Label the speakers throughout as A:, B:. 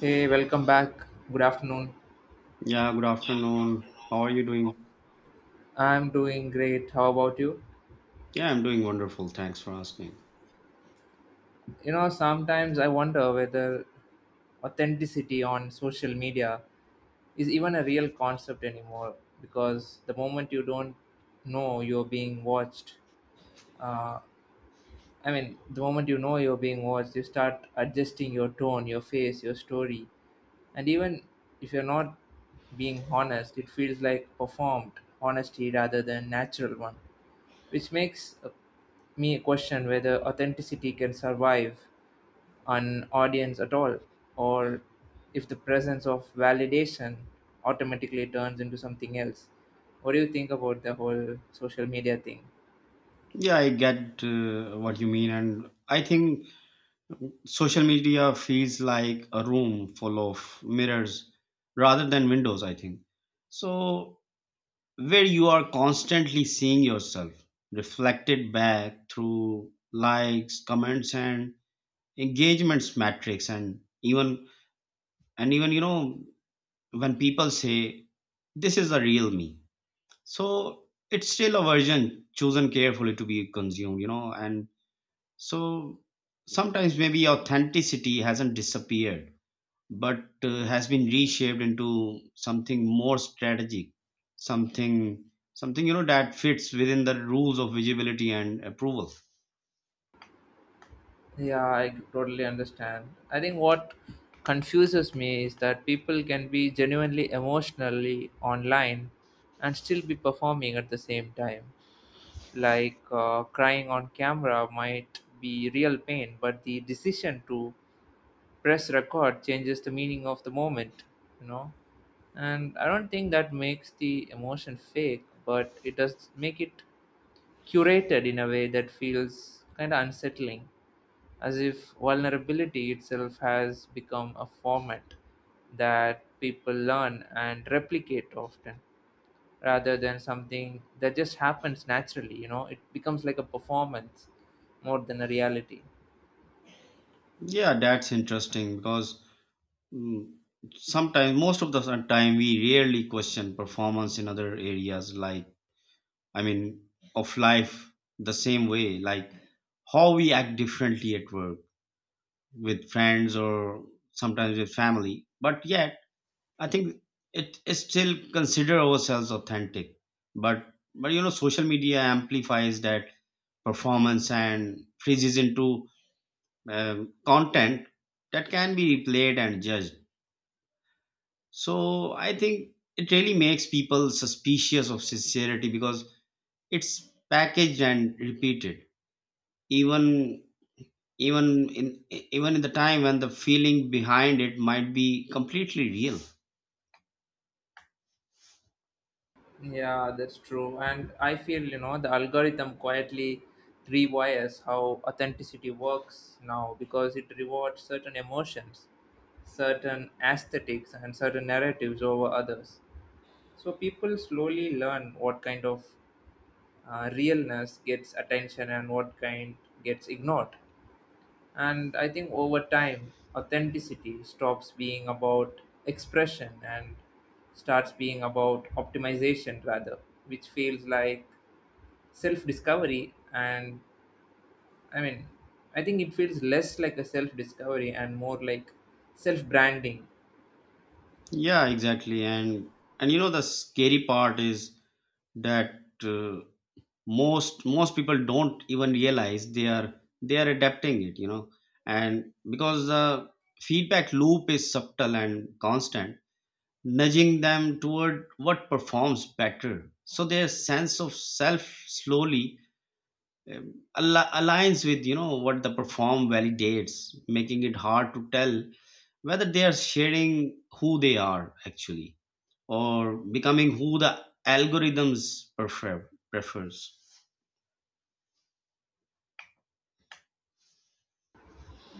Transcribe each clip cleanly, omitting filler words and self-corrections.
A: Hey, welcome back. Good afternoon.
B: Yeah, good afternoon. How are you doing?
A: I'm doing great. How about you?
B: Yeah, I'm doing wonderful. Thanks for asking.
A: You know, sometimes I wonder whether authenticity on social media is even a real concept anymore because the moment you don't know you're being watched, uh, the moment you know you're being watched, you start adjusting your tone, your face, your story, and even if you're not being honest, it feels like performed honesty rather than natural one, which makes me question whether authenticity can survive an audience at all, or if the presence of validation automatically turns into something else. What do you think about the whole social media thing?
B: Yeah, I get what you mean, and I think social media feels like a room full of mirrors rather than windows, I think. So, where you are constantly seeing yourself reflected back through likes, comments, and engagements metrics, and even when people say this is the real me. So it's still a version chosen carefully to be consumed, you know. And so sometimes maybe authenticity hasn't disappeared, but has been reshaped into something more strategic, something something that fits within the rules of visibility and approval.
A: Yeah, I totally understand. I think what confuses me is that people can be genuinely emotionally online and still be performing at the same time. Like, crying on camera might be real pain, but the decision to press record changes the meaning of the moment, you know. And I don't think that makes the emotion fake, but it does make it curated in a way that feels kind of unsettling, as if vulnerability itself has become a format that people learn and replicate often rather than something that just happens naturally. You know, it becomes like a performance more than a reality.
B: Yeah, that's interesting because mm, sometimes most of the time we rarely question performance in other areas, like I mean, of life the same way, like how we act differently at work with friends or sometimes with family. But yet, I think it is still consider ourselves authentic. But but you know, social media amplifies that performance and freezes into content that can be replayed and judged. So I think it really makes people suspicious of sincerity because it's packaged and repeated even even in the time when the feeling behind it might be completely real.
A: Yeah, that's true. And I feel, you know, the algorithm quietly rewires how authenticity works now because it rewards certain emotions, certain aesthetics, and certain narratives over others. So people slowly learn what kind of realness gets attention and what kind gets ignored. And I think over time, authenticity stops being about expression and starts being about optimization rather, which feels like self discovery. And I mean, I think it feels less like a self discovery and more like self branding.
B: Yeah, exactly. And you know the scary part is that, uh, most people don't even realize they are adapting it, you know, and because the feedback loop is subtle and constant, nudging them toward what performs better, so their sense of self slowly, aligns with, you know, what the perform validates, making it hard to tell whether they are sharing who they are actually, or becoming who the algorithms prefer prefers.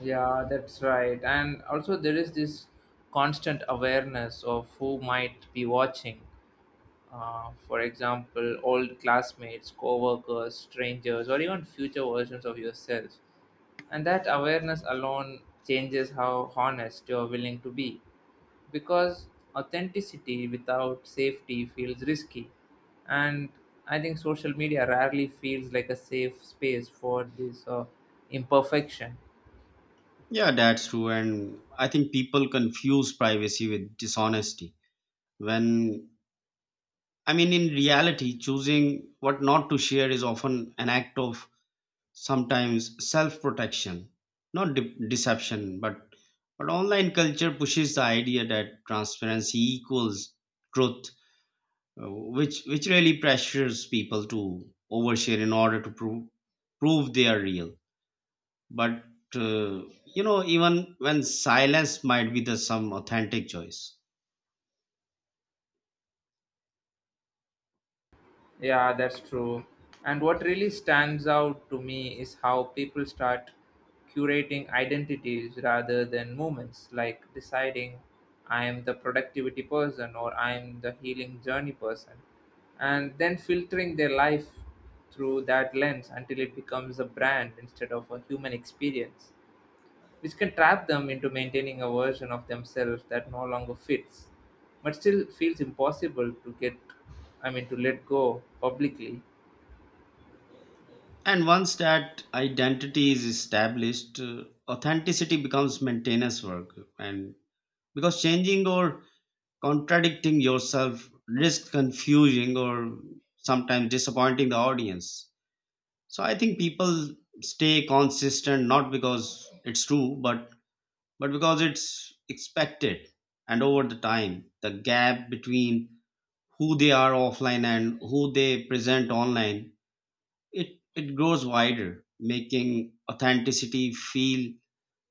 A: Yeah, that's right. And also, there is this constant awareness of who might be watching. For example, old classmates, coworkers, strangers, or even future versions of yourself. And that awareness alone changes how honest you're willing to be. Because authenticity without safety feels risky. And I think social media rarely feels like a safe space for this imperfection.
B: Yeah, that's true, and I think people confuse privacy with dishonesty when, I mean, in reality choosing what not to share is often an act of sometimes self-protection, not de- deception, but online culture pushes the idea that transparency equals truth, which really pressures people to overshare in order to prove they are real. But you know, even when silence might be the some authentic choice.
A: Yeah, that's true. And what really stands out to me is how people start curating identities rather than moments, like deciding I am the productivity person or I am the healing journey person, and then filtering their life through that lens until it becomes a brand instead of a human experience, which can trap them into maintaining a version of themselves that no longer fits, but still feels impossible to get, I mean, to let go publicly.
B: And once that identity is established, authenticity becomes maintenance work. And because changing or contradicting yourself risk confusing or sometimes disappointing the audience, so I think people stay consistent not because it's true, but because it's expected. And over the time, the gap between who they are offline and who they present online, it it grows wider, making authenticity feel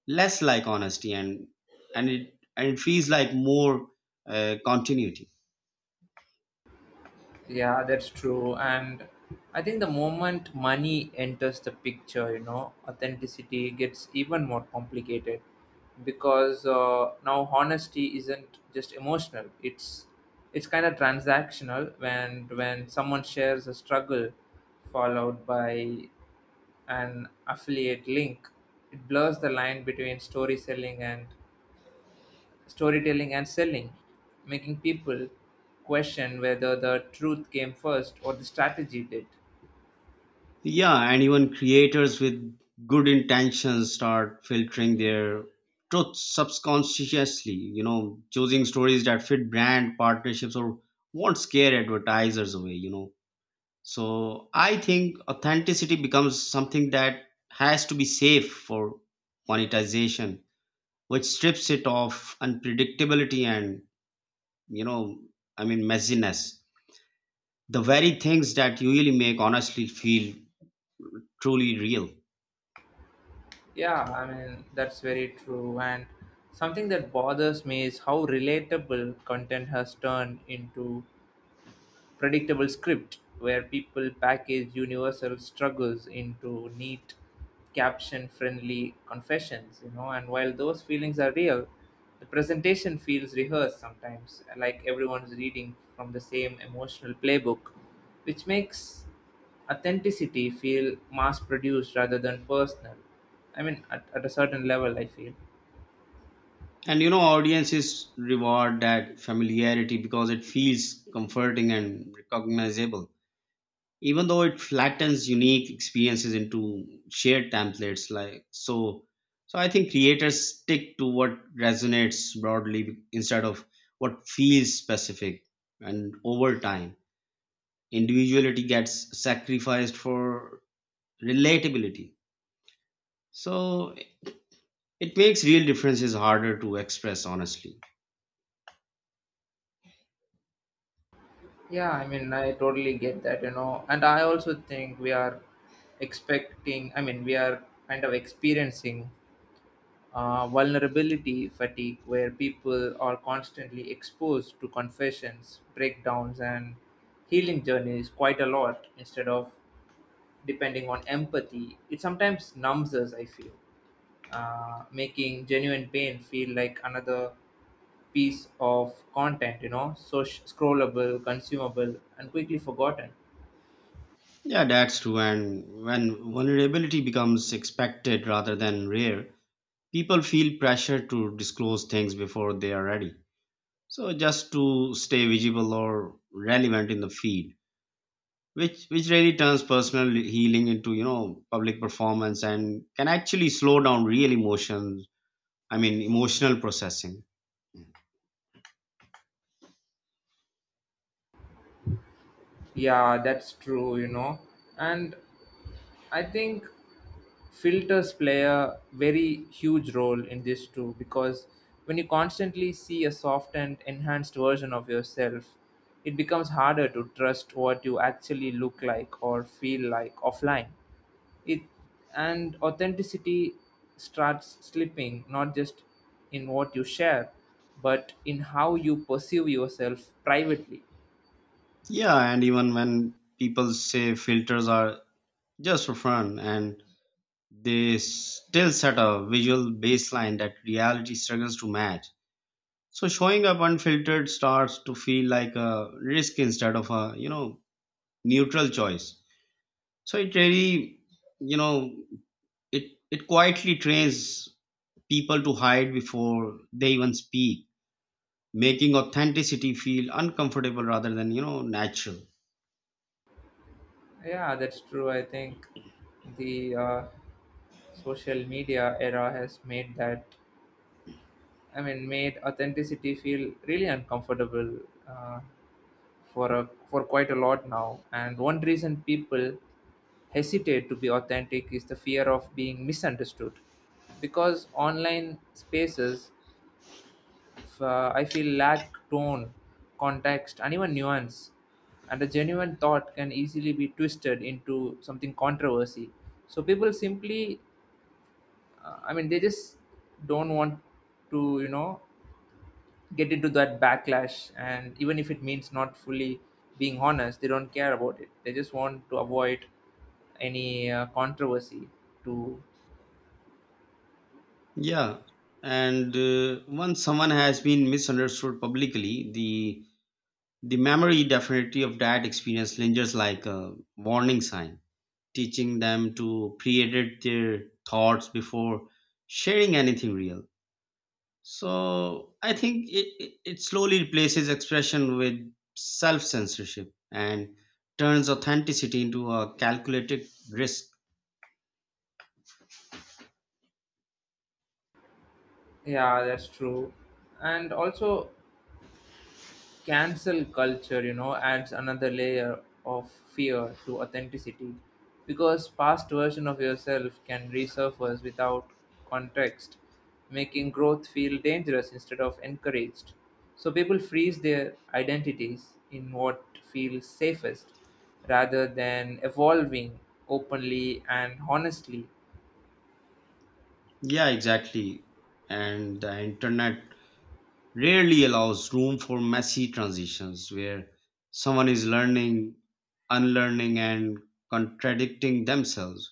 B: less like honesty, and it feels like more continuity.
A: Yeah, that's true. And I think the moment money enters the picture, you know, authenticity gets even more complicated because, now honesty isn't just emotional. It's kind of transactional when someone shares a struggle followed by an affiliate link, it blurs the line between story selling and storytelling and selling, making people question whether the truth came first or the strategy did.
B: Yeah, and even creators with good intentions start filtering their truth subconsciously, you know, choosing stories that fit brand partnerships or won't scare advertisers away, you know. So I think authenticity becomes something that has to be safe for monetization, which strips it of unpredictability and, you know, I mean, messiness. The very things that usually make honestly feel truly real.
A: Yeah, I mean, that's very true. And something that bothers me is how relatable content has turned into predictable script where people package universal struggles into neat, caption friendly confessions, you know, and while those feelings are real, the presentation feels rehearsed sometimes, like everyone's reading from the same emotional playbook, which makes authenticity feel mass produced rather than personal. I mean, at a certain level, I feel.
B: And you know, audiences reward that familiarity because it feels comforting and recognizable, even though it flattens unique experiences into shared templates. Like, so I think creators stick to what resonates broadly instead of what feels specific. And over time, individuality gets sacrificed for relatability. So it makes real differences harder to express honestly.
A: Yeah, I mean, I totally get that, you know, and I also think we are expecting, I mean, we are kind of experiencing vulnerability fatigue where people are constantly exposed to confessions, breakdowns, and healing journeys quite a lot instead of depending on empathy. It sometimes numbs us, I feel, making genuine pain feel like another piece of content, you know, so scrollable, consumable, and quickly forgotten.
B: Yeah, that's true. And when vulnerability becomes expected rather than rare, people feel pressure to disclose things before they are ready. So just to stay visible or relevant in the field, which really turns personal healing into, you know, public performance, and can actually slow down real emotions. I mean, emotional processing.
A: Yeah, that's true, you know. And I think filters play a very huge role in this too because when you constantly see a softened, enhanced version of yourself, it becomes harder to trust what you actually look like or feel like offline. It, and authenticity starts slipping not just in what you share, but in how you perceive yourself privately.
B: Yeah, and even when people say filters are just for fun, and they still set a visual baseline that reality struggles to match. So showing up unfiltered starts to feel like a risk instead of a, you know, neutral choice. So it really, you know, it quietly trains people to hide before they even speak, making authenticity feel uncomfortable rather than, you know, natural.
A: Yeah, that's true. I think the social media era has made that, I mean, made authenticity feel really uncomfortable uh, for a, for quite a lot now. And one reason people hesitate to be authentic is the fear of being misunderstood, because online spaces, I feel, lack tone, context, and even nuance. And a genuine thought can easily be twisted into something controversy. So people simply, they just don't want to, you know, get into that backlash. And even if it means not fully being honest, they don't care about it. They just want to avoid any controversy. To
B: Yeah, and once someone has been misunderstood publicly, the memory definitely of that experience lingers like a warning sign, teaching them to pre-edit their thoughts before sharing anything real. So I think it slowly replaces expression with self censorship, and turns authenticity into a calculated risk.
A: yeah, that's true. And also, cancel culture, you know, adds another layer of fear to authenticity because past version of yourself can resurface without context, making growth feel dangerous instead of encouraged. So people freeze their identities in what feels safest rather than evolving openly and honestly.
B: Yeah, exactly. And the internet rarely allows room for messy transitions where someone is learning, unlearning, and contradicting themselves.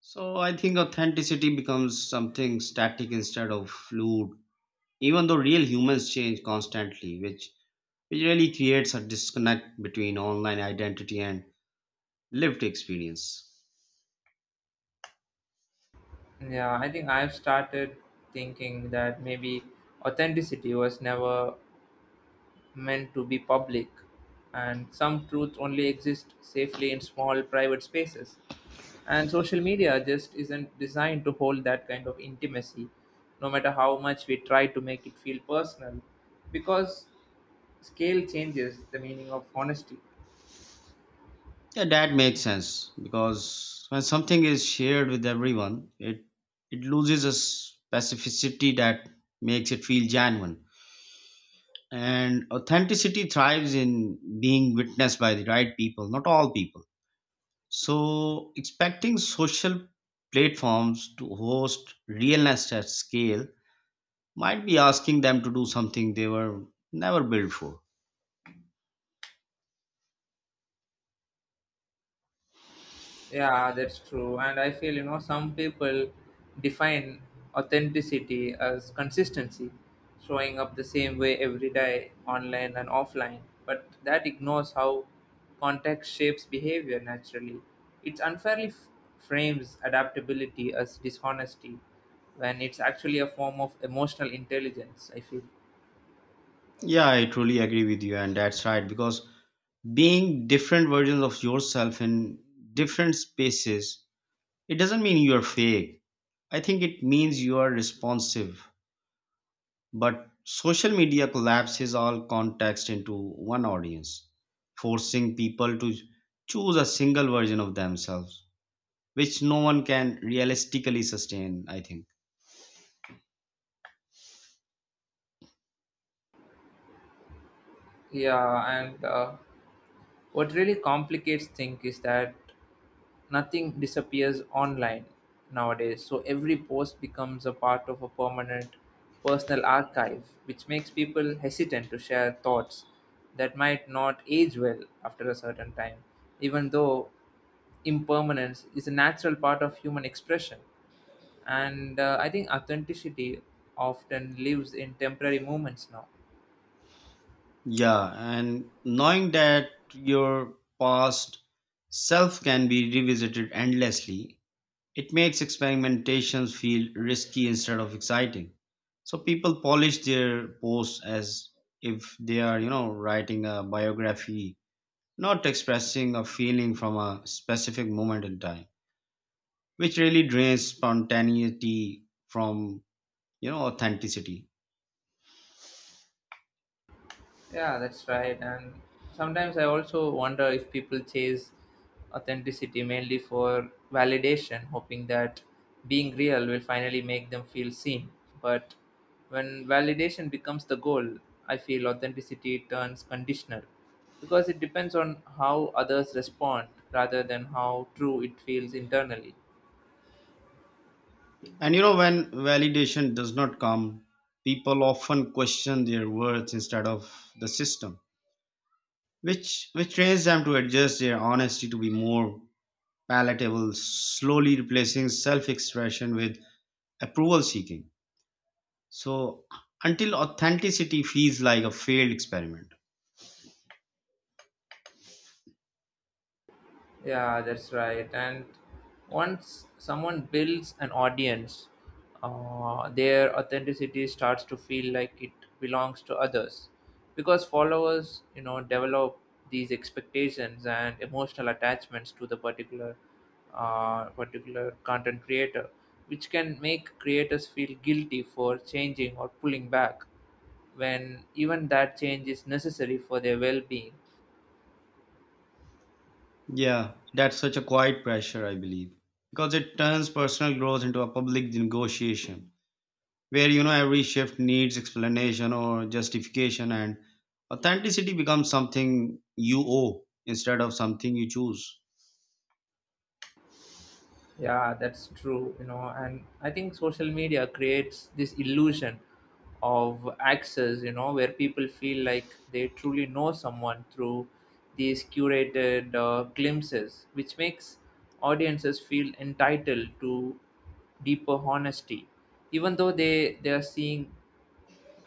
B: So I think authenticity becomes something static instead of fluid, even though real humans change constantly, which really creates a disconnect between online identity and lived experience.
A: Yeah, I think I've started thinking that maybe authenticity was never meant to be public, and some truths only exist safely in small private spaces. And social media just isn't designed to hold that kind of intimacy, no matter how much we try to make it feel personal, because scale changes the meaning of honesty.
B: Yeah, that makes sense, because when something is shared with everyone, it loses a specificity that makes it feel genuine. And authenticity thrives in being witnessed by the right people, not all people. So expecting social platforms to host realness at scale might be asking them to do something they were never built for.
A: Yeah, that's true. And I feel, you know, some people define authenticity as consistency, showing up the same way every day, online and offline. But that ignores how context shapes behavior naturally. It unfairly frames adaptability as dishonesty when it's actually a form of emotional intelligence, I feel.
B: Yeah, I truly agree with you, and that's right because being different versions of yourself in different spaces, it doesn't mean you're fake. I think it means you are responsive. But social media collapses all context into one audience, forcing people to choose a single version of themselves, which no one can realistically sustain, I think.
A: Yeah, and what really complicates things is that nothing disappears online nowadays, so every post becomes a part of a permanent personal archive, which makes people hesitant to share thoughts that might not age well after a certain time, even though impermanence is a natural part of human expression. And I think authenticity often lives in temporary moments now.
B: Yeah, and knowing that your past self can be revisited endlessly, it makes experimentations feel risky instead of exciting. So people polish their posts as if they are, you know, writing a biography, not expressing a feeling from a specific moment in time, which really drains spontaneity from, you know, authenticity.
A: Yeah, that's right. And sometimes I also wonder if people chase authenticity mainly for validation, hoping that being real will finally make them feel seen. But when validation becomes the goal, I feel authenticity turns conditional because it depends on how others respond rather than how true it feels internally.
B: And you know, when validation does not come, people often question their worth instead of the system, which trains them to adjust their honesty to be more palatable, slowly replacing self expression with approval seeking. So, until authenticity feels like a failed experiment.
A: Yeah, that's right. And once someone builds an audience, their authenticity starts to feel like it belongs to others because followers, you know, develop these expectations and emotional attachments to the particular, particular content creator, which can make creators feel guilty for changing or pulling back when even that change is necessary for their well-being.
B: Yeah, that's such a quiet pressure, I believe, because it turns personal growth into a public negotiation where, you know, every shift needs explanation or justification, and authenticity becomes something you owe instead of something you choose.
A: Yeah, that's true, you know, and I think social media creates this illusion of access, you know, where people feel like they truly know someone through these curated glimpses, which makes audiences feel entitled to deeper honesty, even though they are seeing.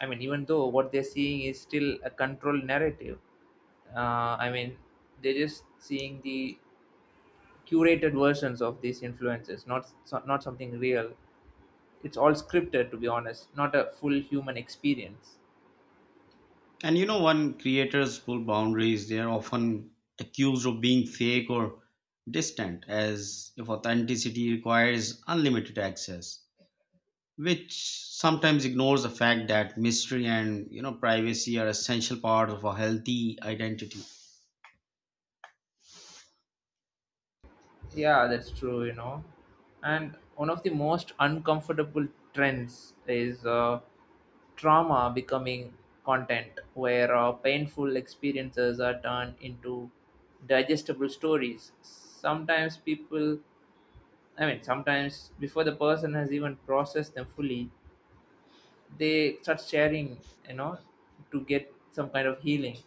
A: I mean, even though what they're seeing is still a controlled narrative. Uh, I mean, they're just seeing the curated versions of these influences, not so, not something real. It's all scripted, to be honest, not a full human experience.
B: And you know, when creators pull boundaries, they are often accused of being fake or distant, as if authenticity requires unlimited access, which sometimes ignores the fact that mystery and, you know, privacy are essential parts of a healthy identity.
A: Yeah, that's true, you know. And one of the most uncomfortable trends is trauma becoming content, where painful experiences are turned into digestible stories. Sometimes people, I mean, sometimes before the person has even processed them fully, they start sharing, you know, to get some kind of healing,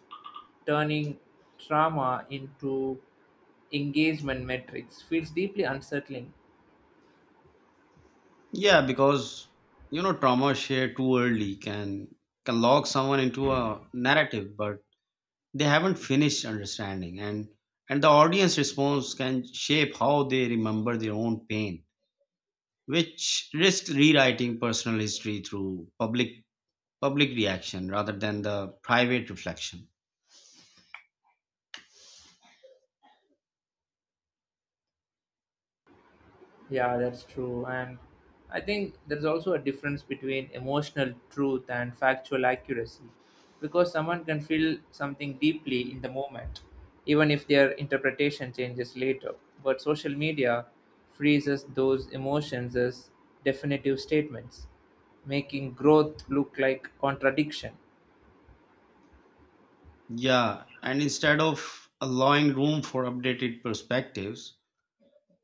A: turning trauma into engagement metrics feels deeply unsettling.
B: Yeah, because you know trauma shared too early can lock someone into a narrative, but they haven't finished understanding, and the audience response can shape how they remember their own pain, which risks rewriting personal history through public reaction rather than the private reflection.
A: Yeah, that's true. And I think there's also a difference between emotional truth and factual accuracy because someone can feel something deeply in the moment, even if their interpretation changes later. But social media freezes those emotions as definitive statements, making growth look like contradiction.
B: Yeah, and instead of allowing room for updated perspectives,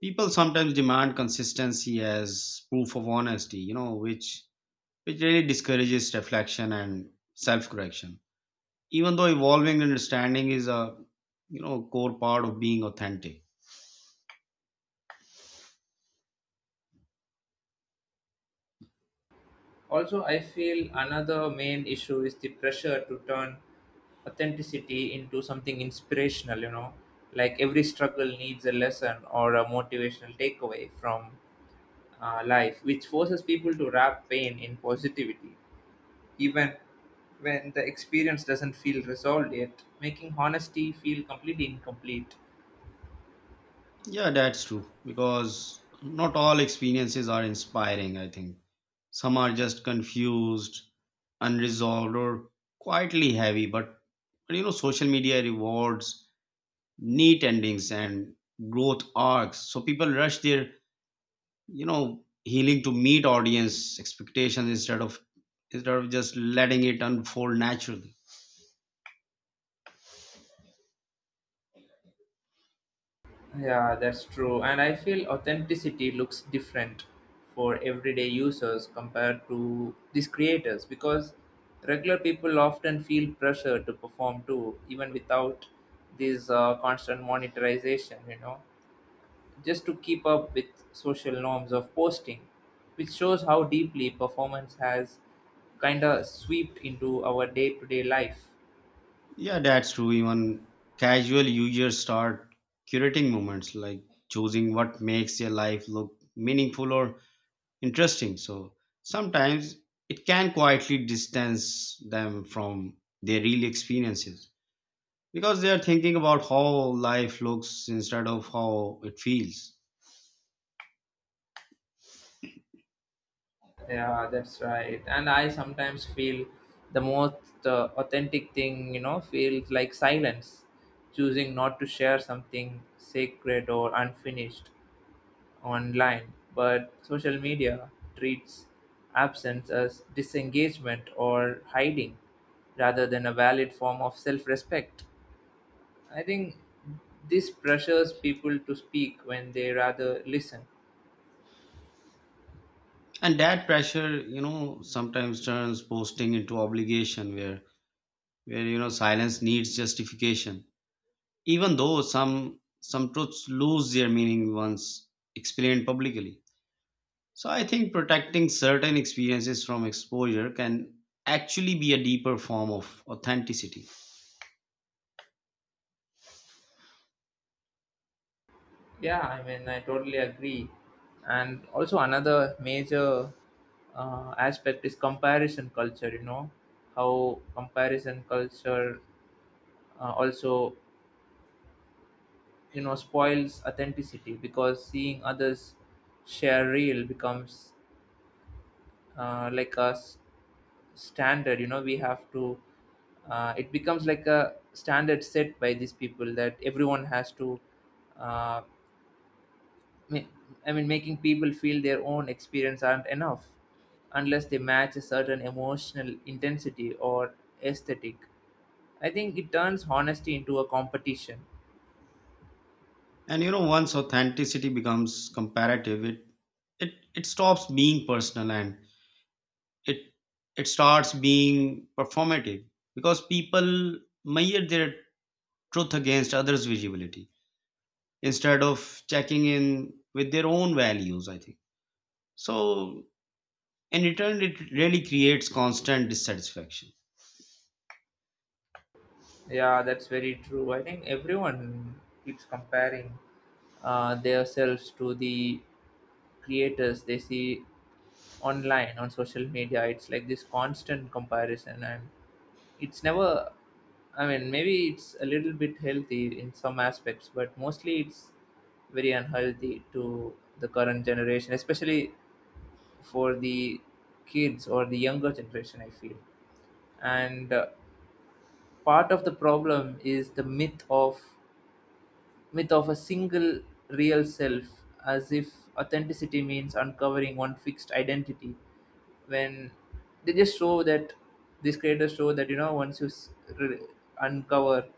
B: people sometimes demand consistency as proof of honesty, you know, which really discourages reflection and self correction, even though evolving understanding is a, you know, core part of being authentic.
A: Also, I feel another main issue is the pressure to turn authenticity into something inspirational, you know, like every struggle needs a lesson or a motivational takeaway from life, which forces people to wrap pain in positivity, even when the experience doesn't feel resolved yet, making honesty feel completely incomplete.
B: Yeah, that's true, because not all experiences are inspiring, I think. Some are just confused, unresolved, or quietly heavy. But you know, social media rewards neat endings and growth arcs. So people rush their, you know, healing to meet audience expectations instead of just letting it unfold naturally.
A: Yeah, that's true. And I feel authenticity looks different for everyday users compared to these creators because regular people often feel pressure to perform too, even without this constant monetization, you know, just to keep up with social norms of posting, which shows how deeply performance has kind of swept into our day to day life.
B: Yeah, that's true. Even casual users start curating moments, like choosing what makes their life look meaningful or interesting. So sometimes it can quietly distance them from their real experiences, because they are thinking about how life looks instead of how it feels.
A: Yeah, that's right. And I sometimes feel the most authentic thing, you know, feels like silence, choosing not to share something sacred or unfinished online. But social media treats absence as disengagement or hiding rather than a valid form of self respect. I think this pressures people to speak when they rather listen.
B: And that pressure, you know, sometimes turns posting into obligation where you know silence needs justification. Even though some truths lose their meaning once explained publicly. So I think protecting certain experiences from exposure can actually be a deeper form of authenticity.
A: Yeah, I mean, I totally agree. And also, another major aspect is comparison culture, you know, how comparison culture uh, also, spoils authenticity because seeing others share real becomes uh, like a s- standard, it becomes like a standard set by these people that everyone has to. Uh, ma- I mean, making people feel their own experience aren't enough unless they match a certain emotional intensity or aesthetic. I think it turns honesty into a competition.
B: And you know, once authenticity becomes comparative, it stops being personal and it it starts being performative, because people measure their truth against others' visibility instead of checking in with their own values, I think. So in return it really creates constant dissatisfaction.
A: Yeah, that's very true. I think everyone keeps comparing themselves to the creators they see online on social media. It's like this constant comparison, and it's never, I mean, maybe it's a little bit healthy in some aspects, but mostly it's very unhealthy to the current generation, especially for the kids or the younger generation, I feel. And part of the problem is the myth of a single real self, as if authenticity means uncovering one fixed identity. When they just show that you know once you re- uncover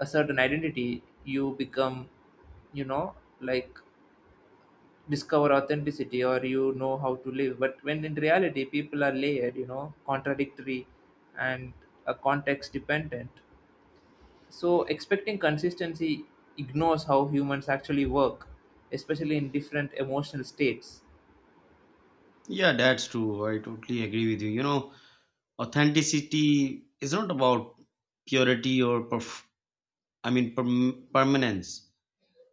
A: a certain identity you become, you know, like discover authenticity or you know how to live. But when in reality people are layered, you know, contradictory, and context dependent. So expecting consistency ignores how humans actually work, especially in different emotional states.
B: Yeah, that's true. I totally agree with you. You know, authenticity is not about purity or permanence.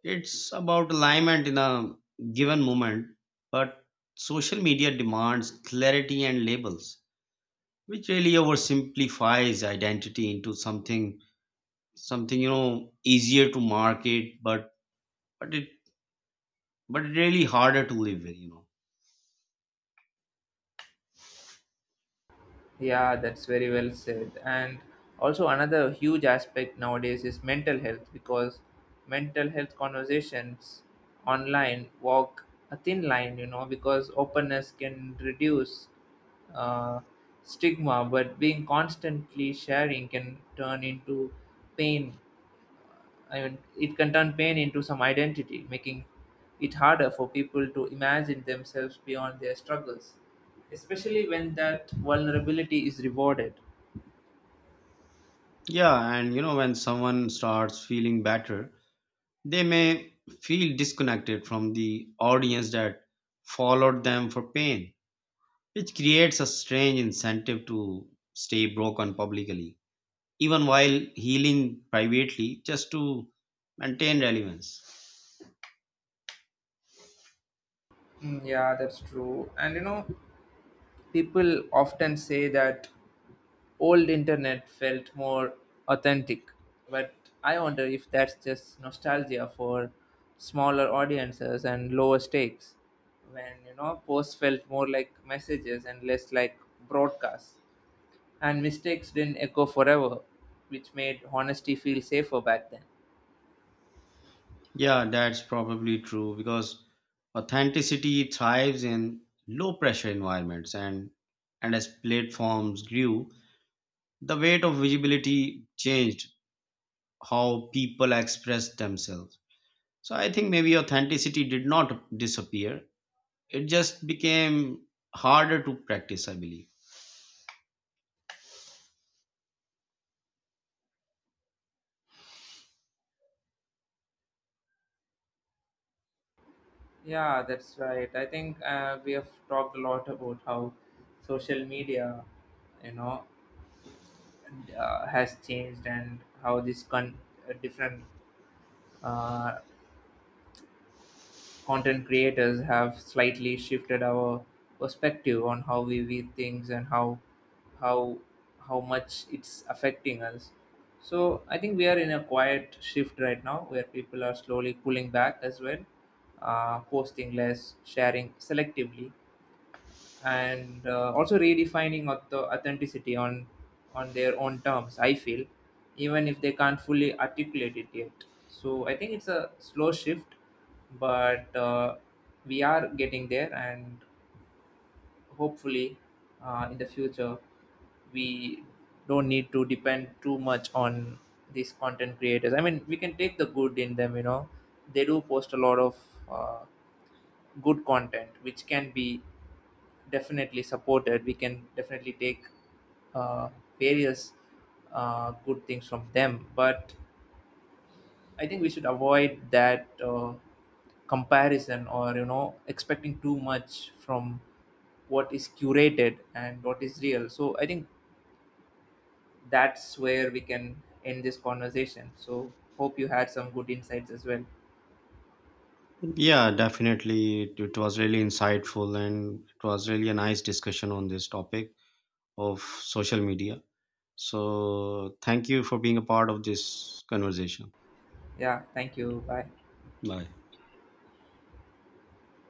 B: It's about alignment in a given moment, but social media demands clarity and labels, which really oversimplifies identity into something easier to market, but it but really harder to live with, you know.
A: Yeah, that's very well said. And also another huge aspect nowadays is mental health because mental health conversations online walk a thin line, you know, because openness can reduce uh, stigma, but being constantly sharing can turn into pain I mean, it can turn pain into some identity, making it harder for people to imagine themselves beyond their struggles, especially when that vulnerability is rewarded.
B: Yeah, and you know when someone starts feeling better, they may feel disconnected from the audience that followed them for pain, which creates a strange incentive to stay broken publicly, even while healing privately, just to maintain relevance.
A: Mm, yeah, that's true. And you know, people often say that old internet felt more authentic, but I wonder if that's just nostalgia for smaller audiences and lower stakes. When, you know, posts felt more like messages and less like broadcasts, and mistakes didn't echo forever, which made honesty feel safer back then.
B: Yeah, that's probably true because authenticity thrives in low pressure environments, and as platforms grew the weight of visibility changed how people expressed themselves. So I think maybe authenticity did not disappear. It just became harder to practice, I believe.
A: Yeah, that's right. I think we have talked a lot about how social media, you know, has changed and how different uh, content creators have slightly shifted our perspective on how we view things, and how how much it's affecting us. So I think we are in a quiet shift right now where people are slowly pulling back as well, posting less, sharing selectively, and also redefining of the authenticity on their own terms I feel, even if they can't fully articulate it yet. So I think it's a slow shift, but we are getting there. And hopefully in the future we don't need to depend too much on these content creators. I mean, we can take the good in them, you know, they do post a lot of uh, good content which can be definitely supported. We can definitely take uh, various good things from them. But I think we should avoid that comparison, or you know expecting too much from what is curated and what is real. So I think that's where we can end this conversation. So hope you had some good insights as well.
B: Yeah, definitely. It was really insightful, and it was really a nice discussion on this topic of social media. So thank you for being a part of this conversation.
A: Yeah, thank you, bye.
B: Bye.